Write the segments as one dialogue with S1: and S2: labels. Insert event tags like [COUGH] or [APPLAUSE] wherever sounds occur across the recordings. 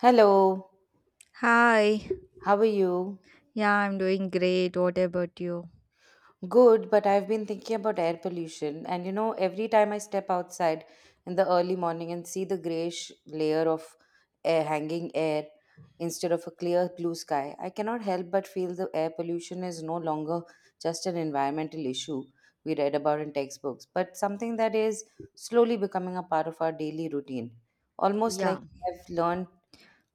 S1: Hello,
S2: Hi.
S1: how are you?
S2: Yeah, I'm doing great. What about you?
S1: Good, but I've been thinking about air pollution, and you know, every time I step outside in the early morning and see the grayish layer of air hanging air instead of a clear blue sky, I cannot help but feel the air pollution is no longer just an environmental issue we read about in textbooks, but something that is slowly becoming a part of our daily routine. Almost like
S2: Yeah,
S1: I've learned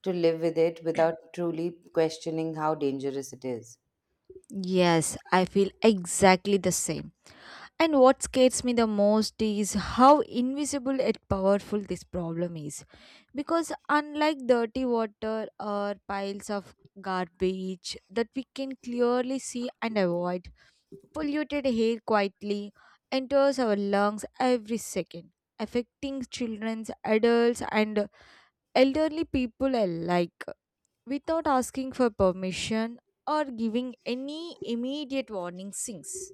S1: to live with it without truly questioning how dangerous it is.
S2: yes, I feel exactly the same. And what scares me the most is how invisible and powerful this problem is. Because unlike dirty water or piles of garbage that we can clearly see and avoid, polluted air quietly enters our lungs every second, affecting children, adults, and elderly people alike, without asking for permission or giving any immediate warning sinks.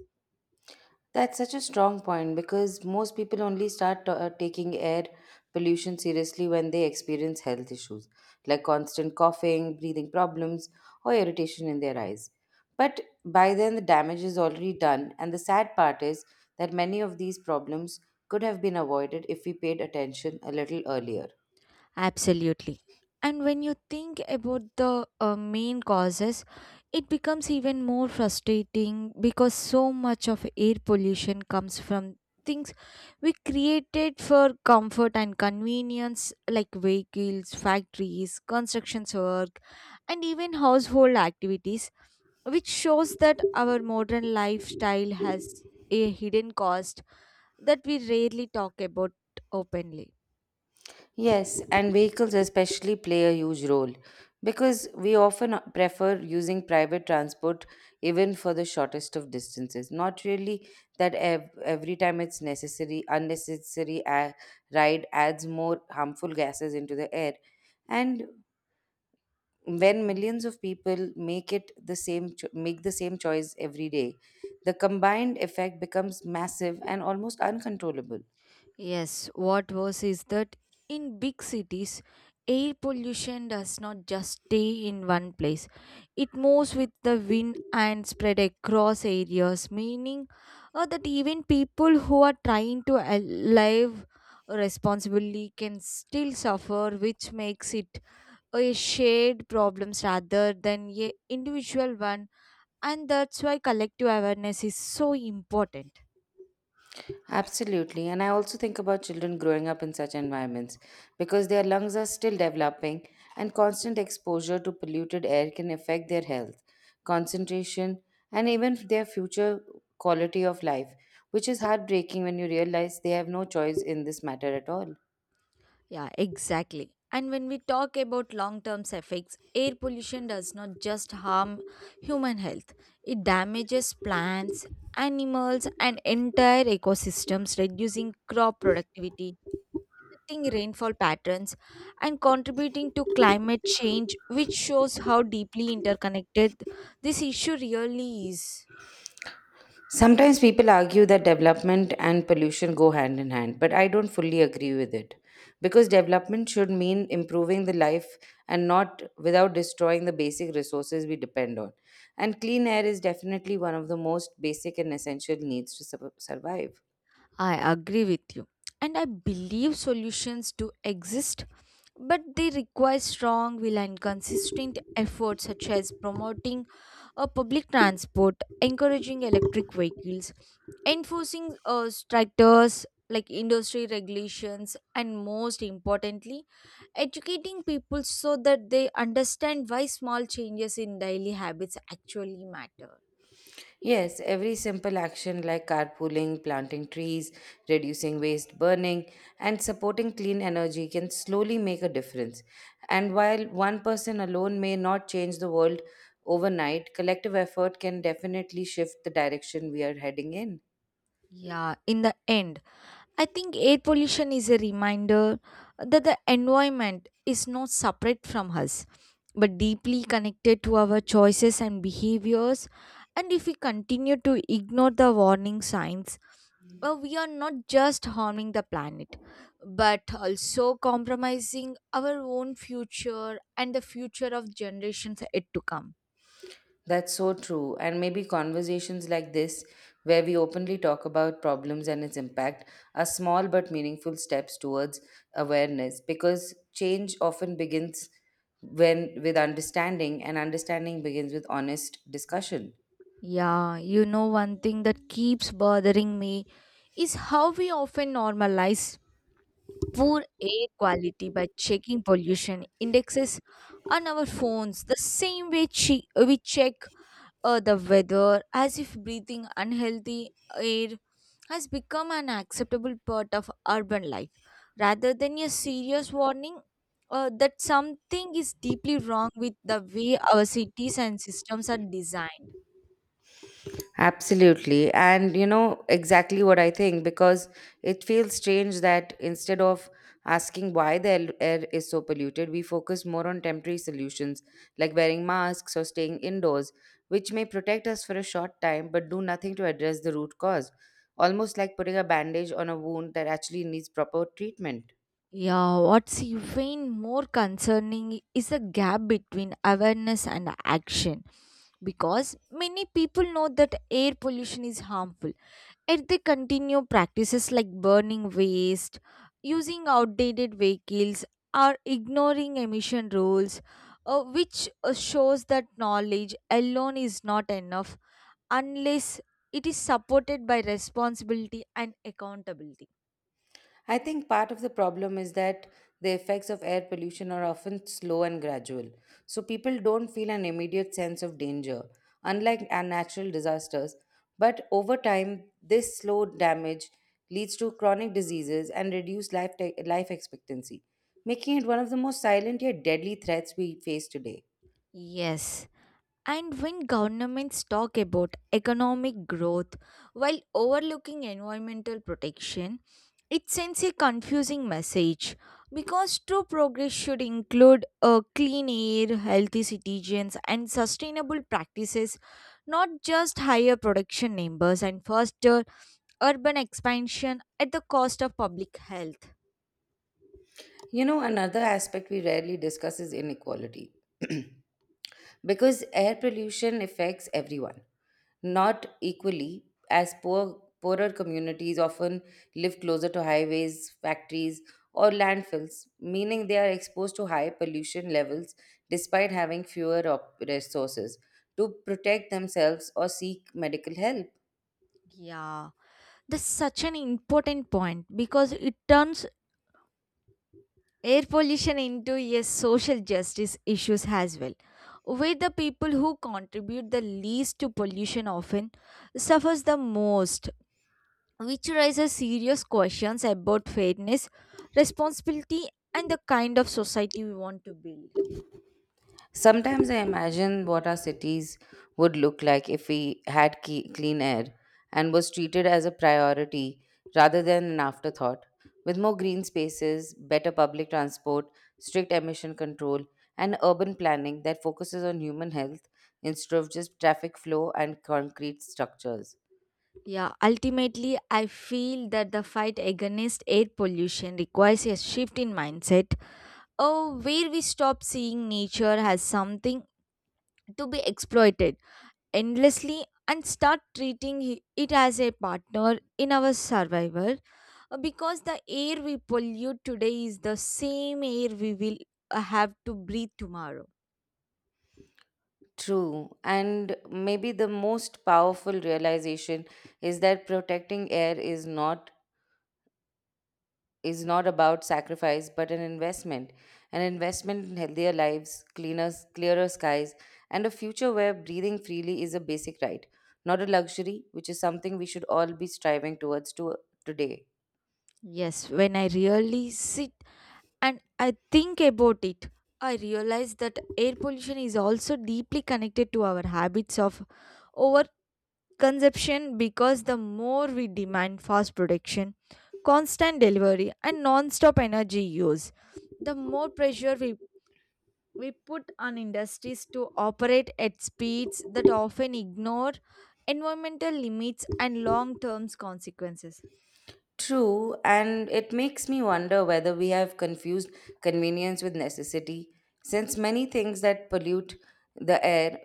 S1: That's such a strong point because most people only start taking air pollution seriously when they experience health issues like constant coughing, breathing problems, or irritation in their eyes. But by then, the damage is already done, and the sad part is that many of these problems could have been avoided if we paid attention a little earlier.
S2: Absolutely. And when you think about the main causes, it becomes even more frustrating because so much of air pollution comes from things we created for comfort and convenience, like vehicles, factories, construction work, and even household activities, which shows that our modern lifestyle has a hidden cost that we rarely talk about openly.
S1: Yes, and vehicles especially play a huge role because we often prefer using private transport even for the shortest of distances. Not really that every time it's necessary, ride adds more harmful gases into the air. And when millions of people make the same choice every day, the combined effect becomes massive and almost uncontrollable.
S2: Yes, what worse is that in big cities, air pollution does not just stay in one place. It moves with the wind and spread across areas, meaning that even people who are trying to live responsibly can still suffer, which makes it a shared problem rather than a individual one. And that's why collective awareness is so important.
S1: Absolutely. And I also think about children growing up in such environments because their lungs are still developing and constant exposure to polluted air can affect their health, concentration, and even their future quality of life, which is heartbreaking when you realize they have no choice in this matter at all.
S2: Yeah, exactly. And when we talk about long term effects, air pollution does not just harm human health, it damages plants, animals, and entire ecosystems, reducing crop productivity, affecting rainfall patterns, and contributing to climate change, which shows how deeply interconnected this issue really is.
S1: Sometimes people argue that development and pollution go hand in hand, but I don't fully agree with it. Because development should mean improving the life and not without destroying the basic resources we depend on. And clean air is definitely one of the most basic and essential needs to survive.
S2: I agree with you. And I believe solutions do exist, but they require strong will and consistent effort, such as promoting a public transport, encouraging electric vehicles, enforcing stricters like industry regulations, and most importantly, educating people so that they understand why small changes in daily habits actually matter.
S1: Yes, every simple action like carpooling, planting trees, reducing waste burning, and supporting clean energy can slowly make a difference. And while one person alone may not change the world overnight, collective effort can definitely shift the direction we are heading in.
S2: Yeah, in the end, I think air pollution is a reminder that the environment is not separate from us, but deeply connected to our choices and behaviors. And if we continue to ignore the warning signs, we are not just harming the planet, but also compromising our own future and the future of generations yet to come.
S1: That's so true. And maybe conversations like this, where we openly talk about problems and its impact, are small but meaningful steps towards awareness because change often begins when with understanding, and understanding begins with honest discussion.
S2: Yeah, one thing that keeps bothering me is how we often normalize poor air quality by checking pollution indexes on our phones the same way we check the weather, as if breathing unhealthy air has become an acceptable part of urban life rather than a serious warning that something is deeply wrong with the way our cities and systems are designed.
S1: Absolutely. And you know exactly what I think because it feels strange that instead of asking why air is so polluted, we focus more on temporary solutions like wearing masks or staying indoors, which may protect us for a short time but do nothing to address the root cause. Almost like putting a bandage on a wound that actually needs proper treatment.
S2: Yeah, what's even more concerning is the gap between awareness and action, because many people know that air pollution is harmful, yet they continue practices like burning waste, using outdated vehicles, or ignoring emission rules, which shows that knowledge alone is not enough unless it is supported by responsibility and accountability.
S1: I think part of the problem is that the effects of air pollution are often slow and gradual, so people don't feel an immediate sense of danger, unlike our natural disasters. But over time, this slow damage leads to chronic diseases and reduced life expectancy, making it one of the most silent yet deadly threats we face today.
S2: Yes. And when governments talk about economic growth while overlooking environmental protection, it sends a confusing message, because true progress should include a clean air, healthy citizens, and sustainable practices, not just higher production numbers and faster urban expansion at the cost of public health.
S1: You know, another aspect we rarely discuss is inequality. [CLEARS THROAT] Because air pollution affects everyone, not equally, as poorer communities often live closer to highways, factories, or landfills, meaning they are exposed to high pollution levels despite having fewer resources to protect themselves or seek medical help.
S2: Yeah, that's such an important point, because it turns air pollution into yes social justice issues as well, where the people who contribute the least to pollution often suffers the most, which raises serious questions about fairness, responsibility, and the kind of society we want to build.
S1: Sometimes I imagine what our cities would look like if we had clean air and was treated as a priority rather than an afterthought, with more green spaces, better public transport, strict emission control, and urban planning that focuses on human health instead of just traffic flow and concrete structures.
S2: Yeah, ultimately I feel that the fight against air pollution requires a shift in mindset, oh where we stop seeing nature as something to be exploited endlessly and start treating it as a partner in our survival, because the air we pollute today is the same air we will have to breathe tomorrow.
S1: True, and maybe the most powerful realization is that protecting air is not about sacrifice but an investment, an investment in healthier lives, cleaner clearer skies, and a future where breathing freely is a basic right, not a luxury, which is something we should all be striving towards to today.
S2: Yes, when I really sit and I think about it, I realize that air pollution is also deeply connected to our habits of over consumption, because the more we demand fast production, constant delivery, and non stop energy use, the more pressure we put on industries to operate at speeds that often ignore environmental limits and long term consequences.
S1: True, and it makes me wonder whether we have confused convenience with necessity, since many things that pollute the air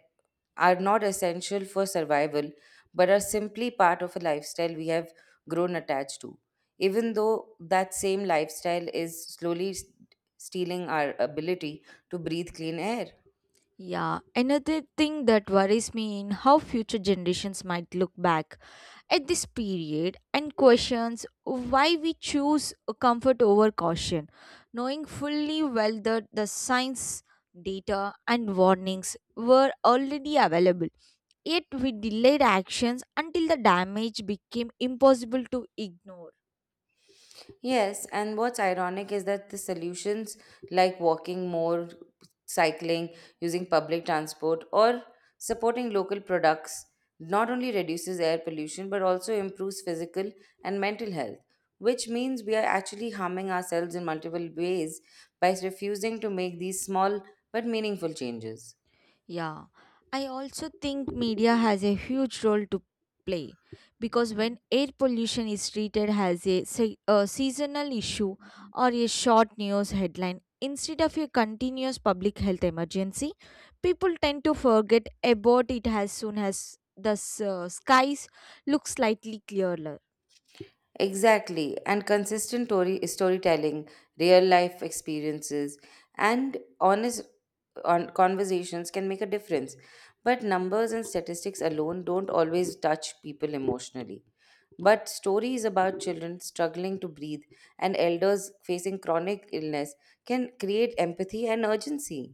S1: are not essential for survival but are simply part of a lifestyle we have grown attached to, even though that same lifestyle is slowly stealing our ability to breathe clean air.
S2: Yeah, another thing that worries me in how future generations might look back at this period and questions why we choose comfort over caution, knowing fully well that the science data and warnings were already available. Yet we delayed actions until the damage became impossible to ignore.
S1: Yes, and what's ironic is that the solutions like walking more, cycling, using public transport, or supporting local products not only reduces air pollution but also improves physical and mental health, which means we are actually harming ourselves in multiple ways by refusing to make these small but meaningful changes.
S2: Yeah, I also think media has a huge role to play, because when air pollution is treated as a seasonal issue or a short news headline instead of a continuous public health emergency, people tend to forget about it as soon as the skies look slightly clearer.
S1: Exactly, and storytelling, real life experiences, and honest on conversations can make a difference. But numbers and statistics alone don't always touch people emotionally. But stories about children struggling to breathe and elders facing chronic illness can create empathy and urgency.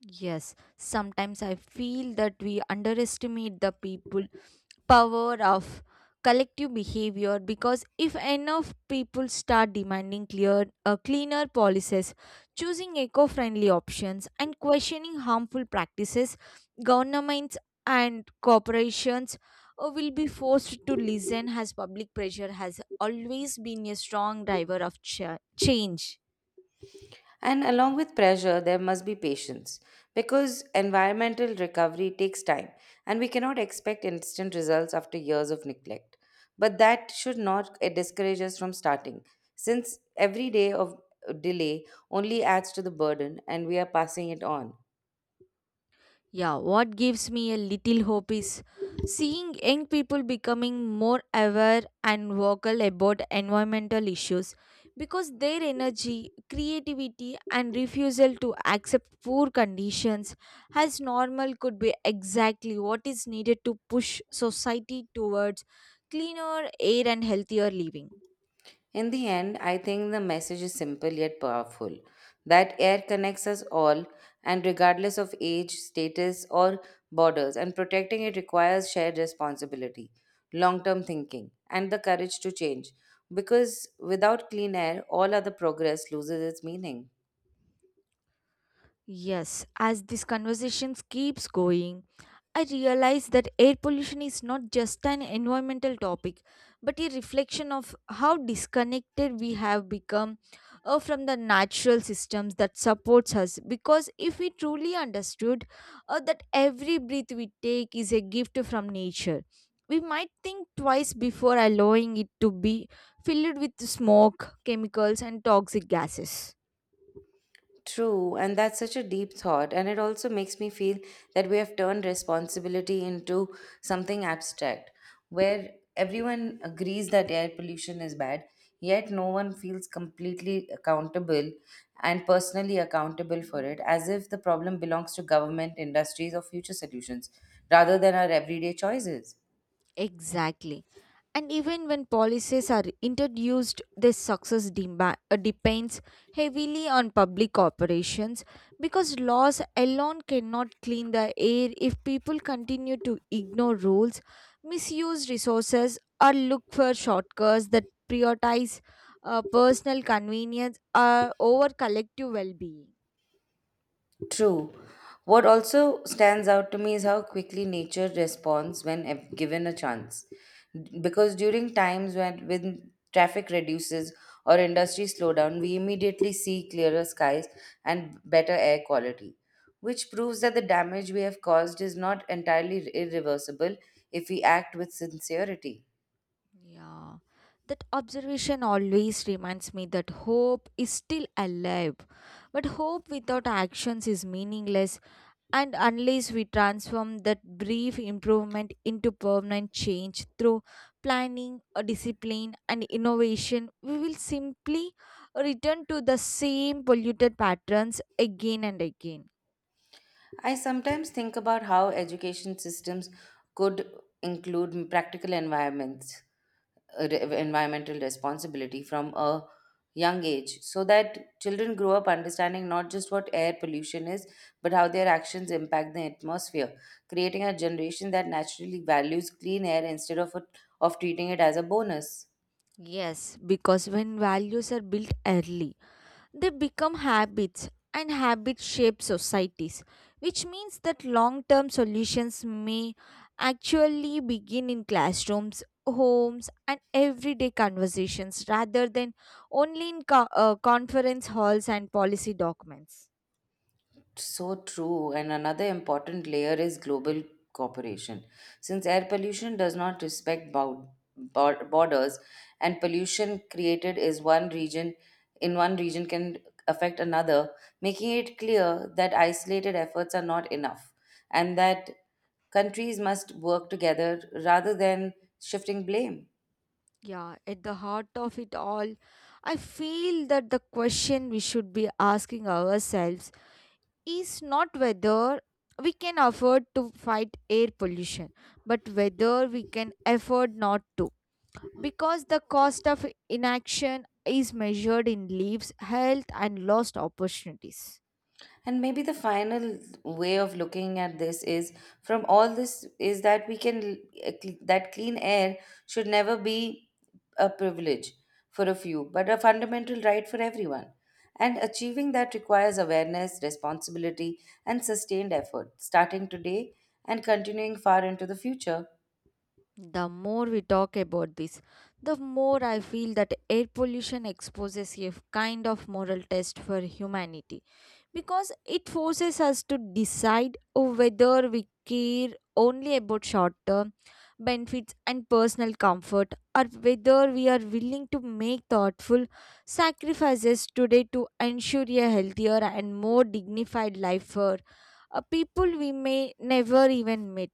S2: Yes, sometimes I feel that we underestimate the people power of collective behavior, because if enough people start demanding clear cleaner policies, choosing eco-friendly options and questioning harmful practices, governments and corporations will be forced to listen, as public pressure has always been a strong driver of change.
S1: And along with pressure, there must be patience because environmental recovery takes time and we cannot expect instant results after years of neglect. But that should not discourage us from starting, since every day of delay only adds to the burden and we are passing it on.
S2: Yeah, what gives me a little hope is seeing young people becoming more aware and vocal about environmental issues, because their energy, creativity, and refusal to accept poor conditions as normal could be exactly what is needed to push society towards cleaner air and healthier living.
S1: In the end, I think the message is simple yet powerful that air connects us all, and regardless of age, status, or borders, and protecting it requires shared responsibility, long term thinking, and the courage to change. Because without clean air, all other progress loses its meaning.
S2: Yes, as this conversation keeps going, I realize that air pollution is not just an environmental topic, but a reflection of how disconnected we have become from the natural systems that supports us. Because if we truly understood that every breath we take is a gift from nature, we might think twice before allowing it to be filled with smoke, chemicals, and toxic gases.
S1: True, and that's such a deep thought. And it also makes me feel that we have turned responsibility into something abstract, where everyone agrees that air pollution is bad, yet no one feels completely accountable and personally accountable for it, as if the problem belongs to government, industries, or future solutions, rather than our everyday choices.
S2: Exactly. And even when policies are introduced, their success depends heavily on public operations, because laws alone cannot clean the air if people continue to ignore rules, misuse resources, or look for shortcuts that prioritize personal convenience over collective well being.
S1: True. What also stands out to me is how quickly nature responds when given a chance. Because during times when traffic reduces or industry slow down, we immediately see clearer skies and better air quality, which proves that the damage we have caused is not entirely irreversible if we act with sincerity.
S2: Yeah, that observation always reminds me that hope is still alive. But hope without actions is meaningless, and unless we transform that brief improvement into permanent change through planning, discipline, and innovation, we will simply return to the same polluted patterns again and again.
S1: I sometimes think about how education systems could include practical environments, environmental responsibility from a young age so that children grow up understanding not just what air pollution is but how their actions impact the atmosphere, creating a generation that naturally values clean air instead of of treating it as a bonus.
S2: Yes, because when values are built early, they become habits, and habits shape societies, which means that long term solutions may actually begin in classrooms, homes, and everyday conversations rather than only in conference halls and policy documents.
S1: So true. And another important layer is global cooperation. Since air pollution does not respect borders, and pollution created is one region in one region can affect another, making it clear that isolated efforts are not enough and that countries must work together rather than shifting blame.
S2: Yeah, at the heart of it all, I feel that the question we should be asking ourselves is not whether we can afford to fight air pollution, but whether we can afford not to. Because the cost of inaction is measured in lives, health, and lost opportunities.
S1: And maybe the final way of looking at this is from all this is that we can that clean air should never be a privilege for a few but a fundamental right for everyone, and achieving that requires awareness, responsibility, and sustained effort, starting today and continuing far into the future.
S2: The more we talk about this, the more I feel that air pollution exposes a kind of moral test for humanity, because it forces us to decide whether we care only about short term benefits and personal comfort or whether we are willing to make thoughtful sacrifices today to ensure a healthier and more dignified life for people we may never even meet.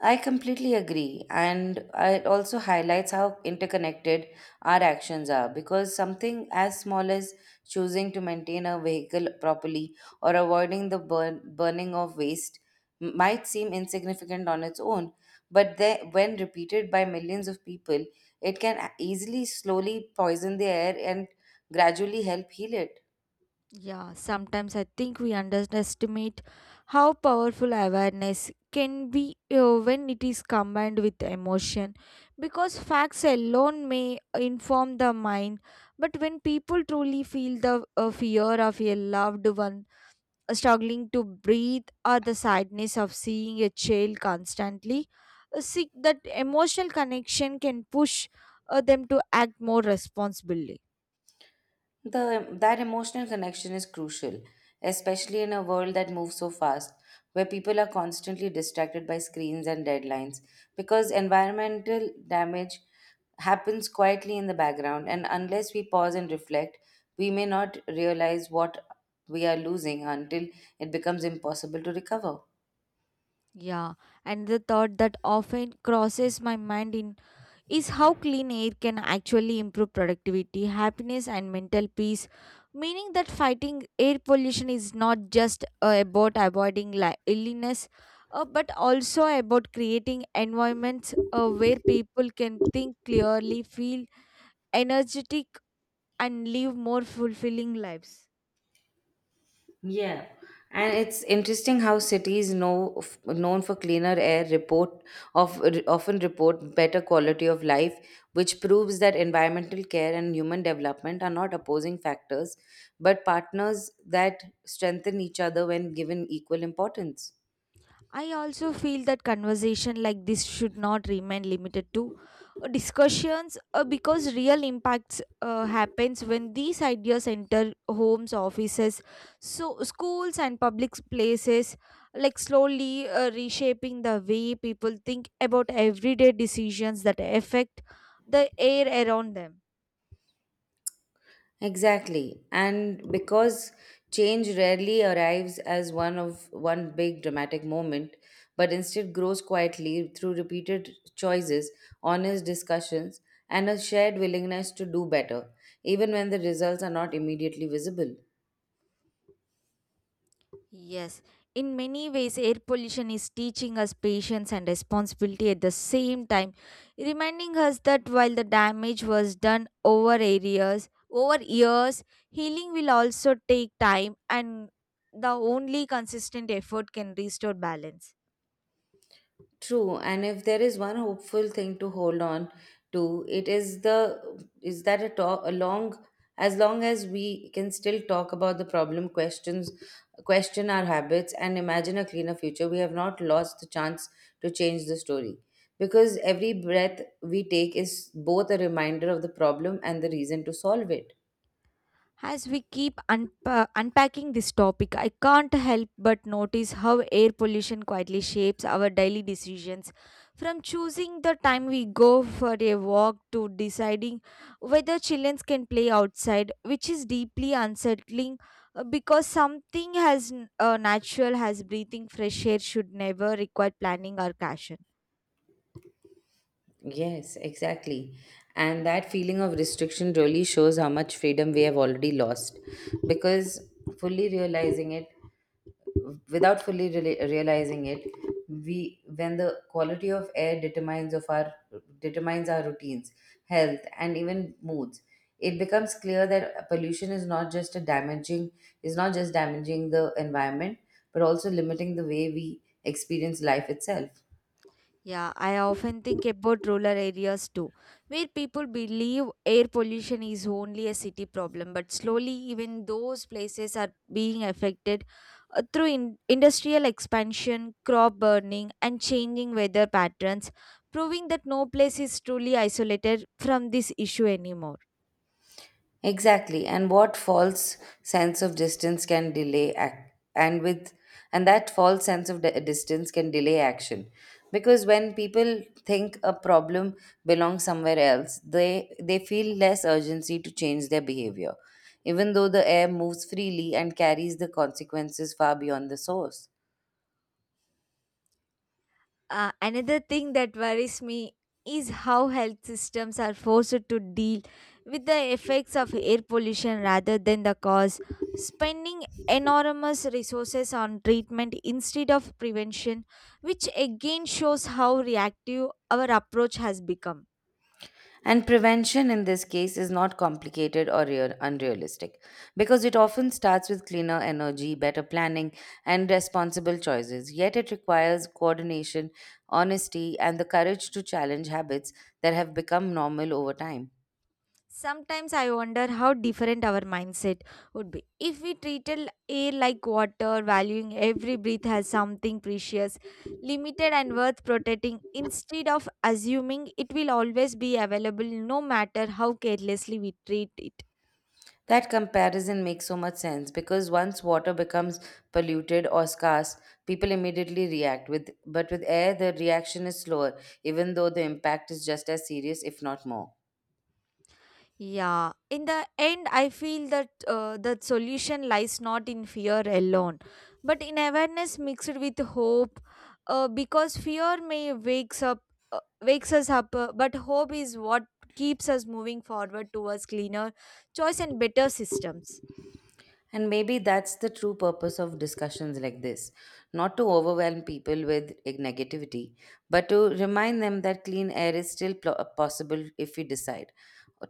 S1: I completely agree. And it also highlights how interconnected our actions are because something as small as choosing to maintain a vehicle properly or avoiding burning of waste might seem insignificant on its own, but they, when repeated by millions of people, it can easily slowly poison the air and gradually help heal it.
S2: Yeah, sometimes I think we underestimate how powerful awareness can be when it is combined with emotion, because facts alone may inform the mind, but when people truly feel the fear of a loved one struggling to breathe or the sadness of seeing a child constantly seek, that emotional connection can push them to act more responsibly.
S1: That emotional connection is crucial, especially in a world that moves so fast, where people are constantly distracted by screens and deadlines, because environmental damage happens quietly in the background, and unless we pause and reflect, we may not realize what we are losing until it becomes impossible to recover.
S2: Yeah, and the thought that often crosses my mind in is how clean air can actually improve productivity, happiness, and mental peace. Meaning that fighting air pollution is not just about avoiding illness, but also about creating environments where people can think clearly, feel energetic, and live more fulfilling lives.
S1: Yeah. And it's interesting how cities known for cleaner air report of often report better quality of life, which proves that environmental care and human development are not opposing factors, but partners that strengthen each other when given equal importance.
S2: I also feel that conversation like this should not remain limited to discussions, because real impacts happens when these ideas enter homes, offices, so schools and public places, like slowly reshaping the way people think about everyday decisions that affect the air around them.
S1: Exactly. And because change rarely arrives as one big dramatic moment, but instead grows quietly through repeated choices, honest discussions, and a shared willingness to do better, even when the results are not immediately visible.
S2: Yes, in many ways, air pollution is teaching us patience and responsibility at the same time, reminding us that while the damage was done over areas, over years, healing will also take time, and the only consistent effort can restore balance.
S1: True, and if there is one hopeful thing to hold on to, it is the is that a talk a long as we can still talk about the problem, question our habits, and imagine a cleaner future, we have not lost the chance to change the story. Because every breath we take is both a reminder of the problem and the reason to solve it.
S2: As we keep unpacking this topic, I can't help but notice how air pollution quietly shapes our daily decisions. From choosing the time we go for a walk to deciding whether children can play outside, which is deeply unsettling, because something as natural as breathing fresh air should never require planning or caution.
S1: Yes, exactly. And that feeling of restriction really shows how much freedom we have already lost. Because fully realizing it, without fully realizing it, we when the quality of air determines of our determines our routines, health, and even moods, it becomes clear that pollution is not just a damaging is not just damaging the environment, but also limiting the way we experience life itself.
S2: Yeah, I often think about rural areas too, where people believe air pollution is only a city problem, but slowly even those places are being affected through industrial expansion, crop burning, and changing weather patterns, proving that no place is truly isolated from this issue anymore.
S1: Exactly. And what false sense of distance can delay act and with and that false sense of distance can delay action, because when people think a problem belongs somewhere else, they feel less urgency to change their behavior, even though the air moves freely and carries the consequences far beyond the source.
S2: Another thing that worries me is how health systems are forced to deal with the effects of air pollution rather than the cause. Spending enormous resources on treatment instead of prevention, which again shows how reactive our approach has become.
S1: And prevention in this case is not complicated or unrealistic, because it often starts with cleaner energy, better planning, and responsible choices. Yet it requires coordination, honesty, and the courage to challenge habits that have become normal over time.
S2: Sometimes I wonder how different our mindset would be if we treated air like water, valuing every breath as something precious, limited, and worth protecting, instead of assuming it will always be available no matter how carelessly we treat it.
S1: That comparison makes so much sense, because once water becomes polluted or scarce, people immediately react, with but with air the reaction is slower, even though the impact is just as serious, if not more.
S2: Yeah, in the end, I feel that the solution lies not in fear alone, but in awareness mixed with hope. Because fear may wakes up, wakes us up, but hope is what keeps us moving forward towards cleaner choice and better systems.
S1: And maybe that's the true purpose of discussions like this: not to overwhelm people with negativity, but to remind them that clean air is still possible if we decide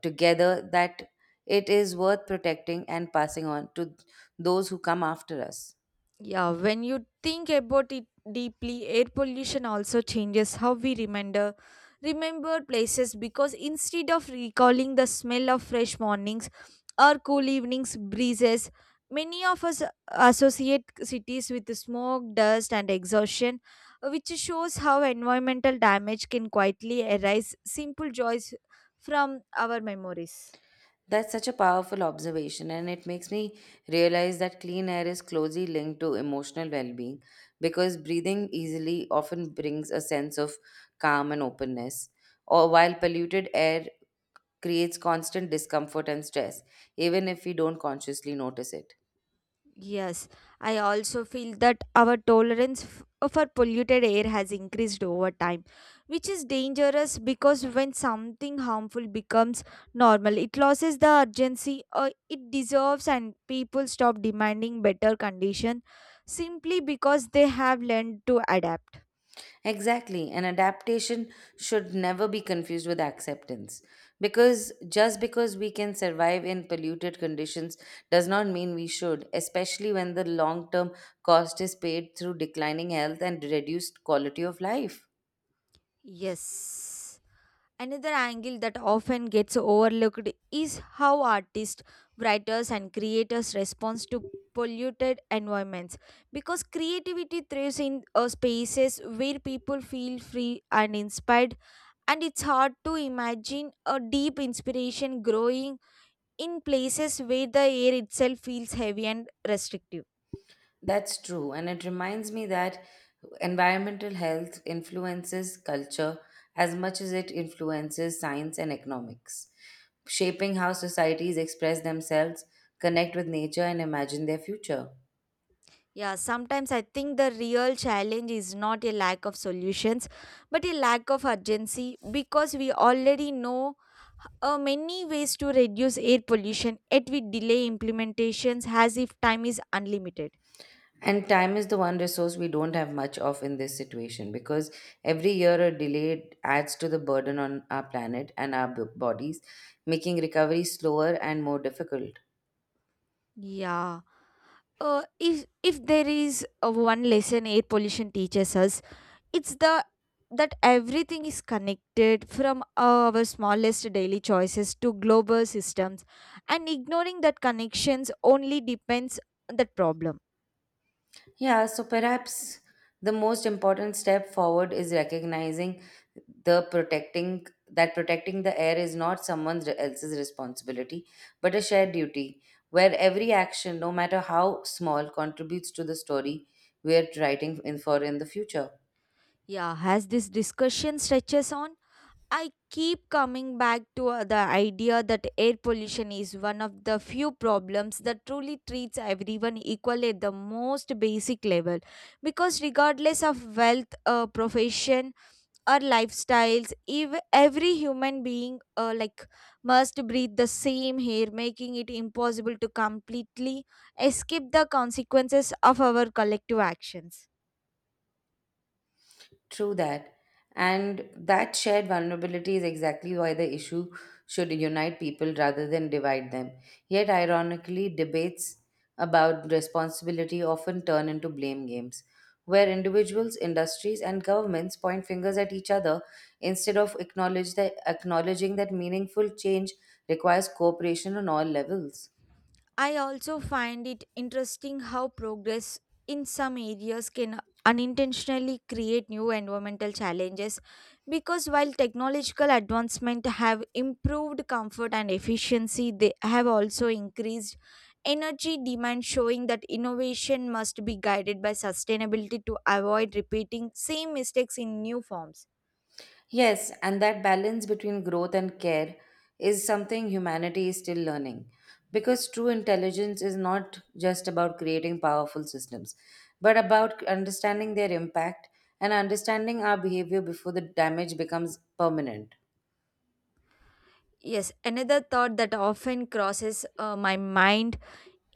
S1: together that it is worth protecting and passing on to those who come after us.
S2: Yeah, when you think about it deeply, air pollution also changes how we remember places because instead of recalling the smell of fresh mornings or cool evenings breezes, many of us associate cities with smoke, dust and exhaustion, which shows how environmental damage can quietly erase simple joys from our memories.
S1: That's such a powerful observation, and it makes me realize that clean air is closely linked to emotional well being, because breathing easily often brings a sense of calm and openness, or while polluted air creates constant discomfort and stress, even if we don't consciously notice it.
S2: Yes, I also feel that our tolerance for polluted air has increased over time, which is dangerous because when something harmful becomes normal, it loses the urgency it deserves, and people stop demanding better condition simply because they have learned to adapt.
S1: Exactly, and adaptation should never be confused with acceptance, because just because we can survive in polluted conditions does not mean we should, especially when the long term cost is paid through declining health and reduced quality of life.
S2: Yes. Another angle that often gets overlooked is how artists, writers, and creators respond to polluted environments because creativity thrives in spaces where people feel free and inspired and it's hard to imagine a deep inspiration growing in places where the air itself feels heavy and restrictive.
S1: That's true, and it reminds me that environmental health influences culture as much as it influences science and economics, shaping how societies express themselves, connect with nature, and imagine their future.
S2: Yeah, sometimes I think the real challenge is not a lack of solutions, but a lack of urgency because we already know many ways to reduce air pollution, yet we delay implementations as if time is unlimited.
S1: And time is the one resource we don't have much of in this situation, because every year a delay adds to the burden on our planet and our bodies, making recovery slower and more difficult.
S2: Yeah. If there is one lesson air pollution teaches us, it's the that everything is connected from our smallest daily choices to global systems and ignoring that connections only depends on that problem.
S1: Yeah, so perhaps the most important step forward is recognizing the protecting that protecting the air is not someone else's responsibility, but a shared duty, where every action, no matter how small, contributes to the story we are writing in the future.
S2: Yeah, as this discussion stretches on, I keep coming back to the idea that air pollution is one of the few problems that truly treats everyone equally at the most basic level because regardless of wealth, profession, our lifestyles, if every human being, must breathe the same air, making it impossible to completely escape the consequences of our collective actions.
S1: True that. And that shared vulnerability is exactly why the issue should unite people rather than divide them. Yet, ironically, debates about responsibility often turn into blame games, where individuals, industries, and governments point fingers at each other instead of acknowledging that meaningful change requires cooperation on all levels.
S2: I also find it interesting how progress in some areas can unintentionally create new environmental challenges because while technological advancement have improved comfort and efficiency they have also increased energy demand, showing that innovation must be guided by sustainability to avoid repeating same mistakes in new forms.
S1: Yes, and that balance between growth and care is something humanity is still learning. Because true intelligence is not just about creating powerful systems, but about understanding their impact and understanding our behavior before the damage becomes permanent.
S2: Yes, another thought that often crosses my mind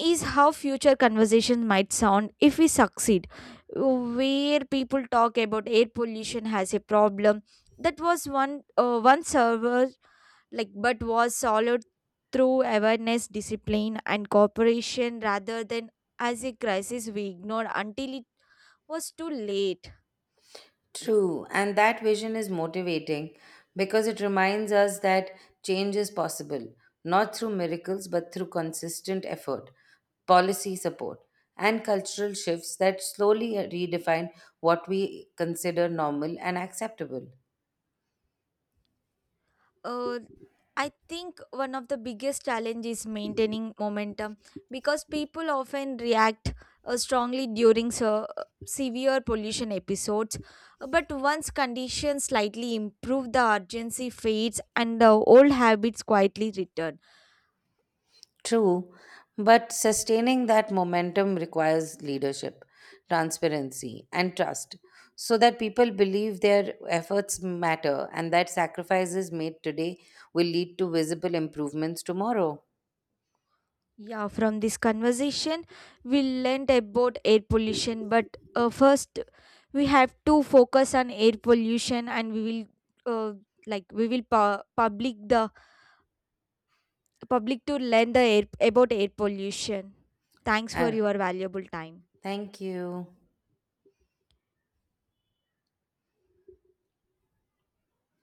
S2: is how future conversations might sound if we succeed. Where people talk about air pollution as a problem that was one server like but was solved through awareness, discipline, and cooperation rather than as a crisis we ignored until it was too late.
S1: True, and that vision is motivating because it reminds us that change is possible, not through miracles, but through consistent effort, policy support, and cultural shifts that slowly redefine what we consider normal and acceptable.
S2: Uh, I think one of the biggest challenge is maintaining momentum because people often react strongly during so, severe pollution episodes. But once conditions slightly improve, the urgency fades and the old habits quietly return.
S1: True, but sustaining that momentum requires leadership, transparency, and trust, so that people believe their efforts matter and that sacrifices made today will lead to visible improvements tomorrow.
S2: Yeah, from this conversation, we learned about air pollution, but first we have to focus on air pollution and we will uh, we will public the public to learn the air, about air pollution. Thanks for
S1: Uh,
S2: your valuable time.
S1: Thank you.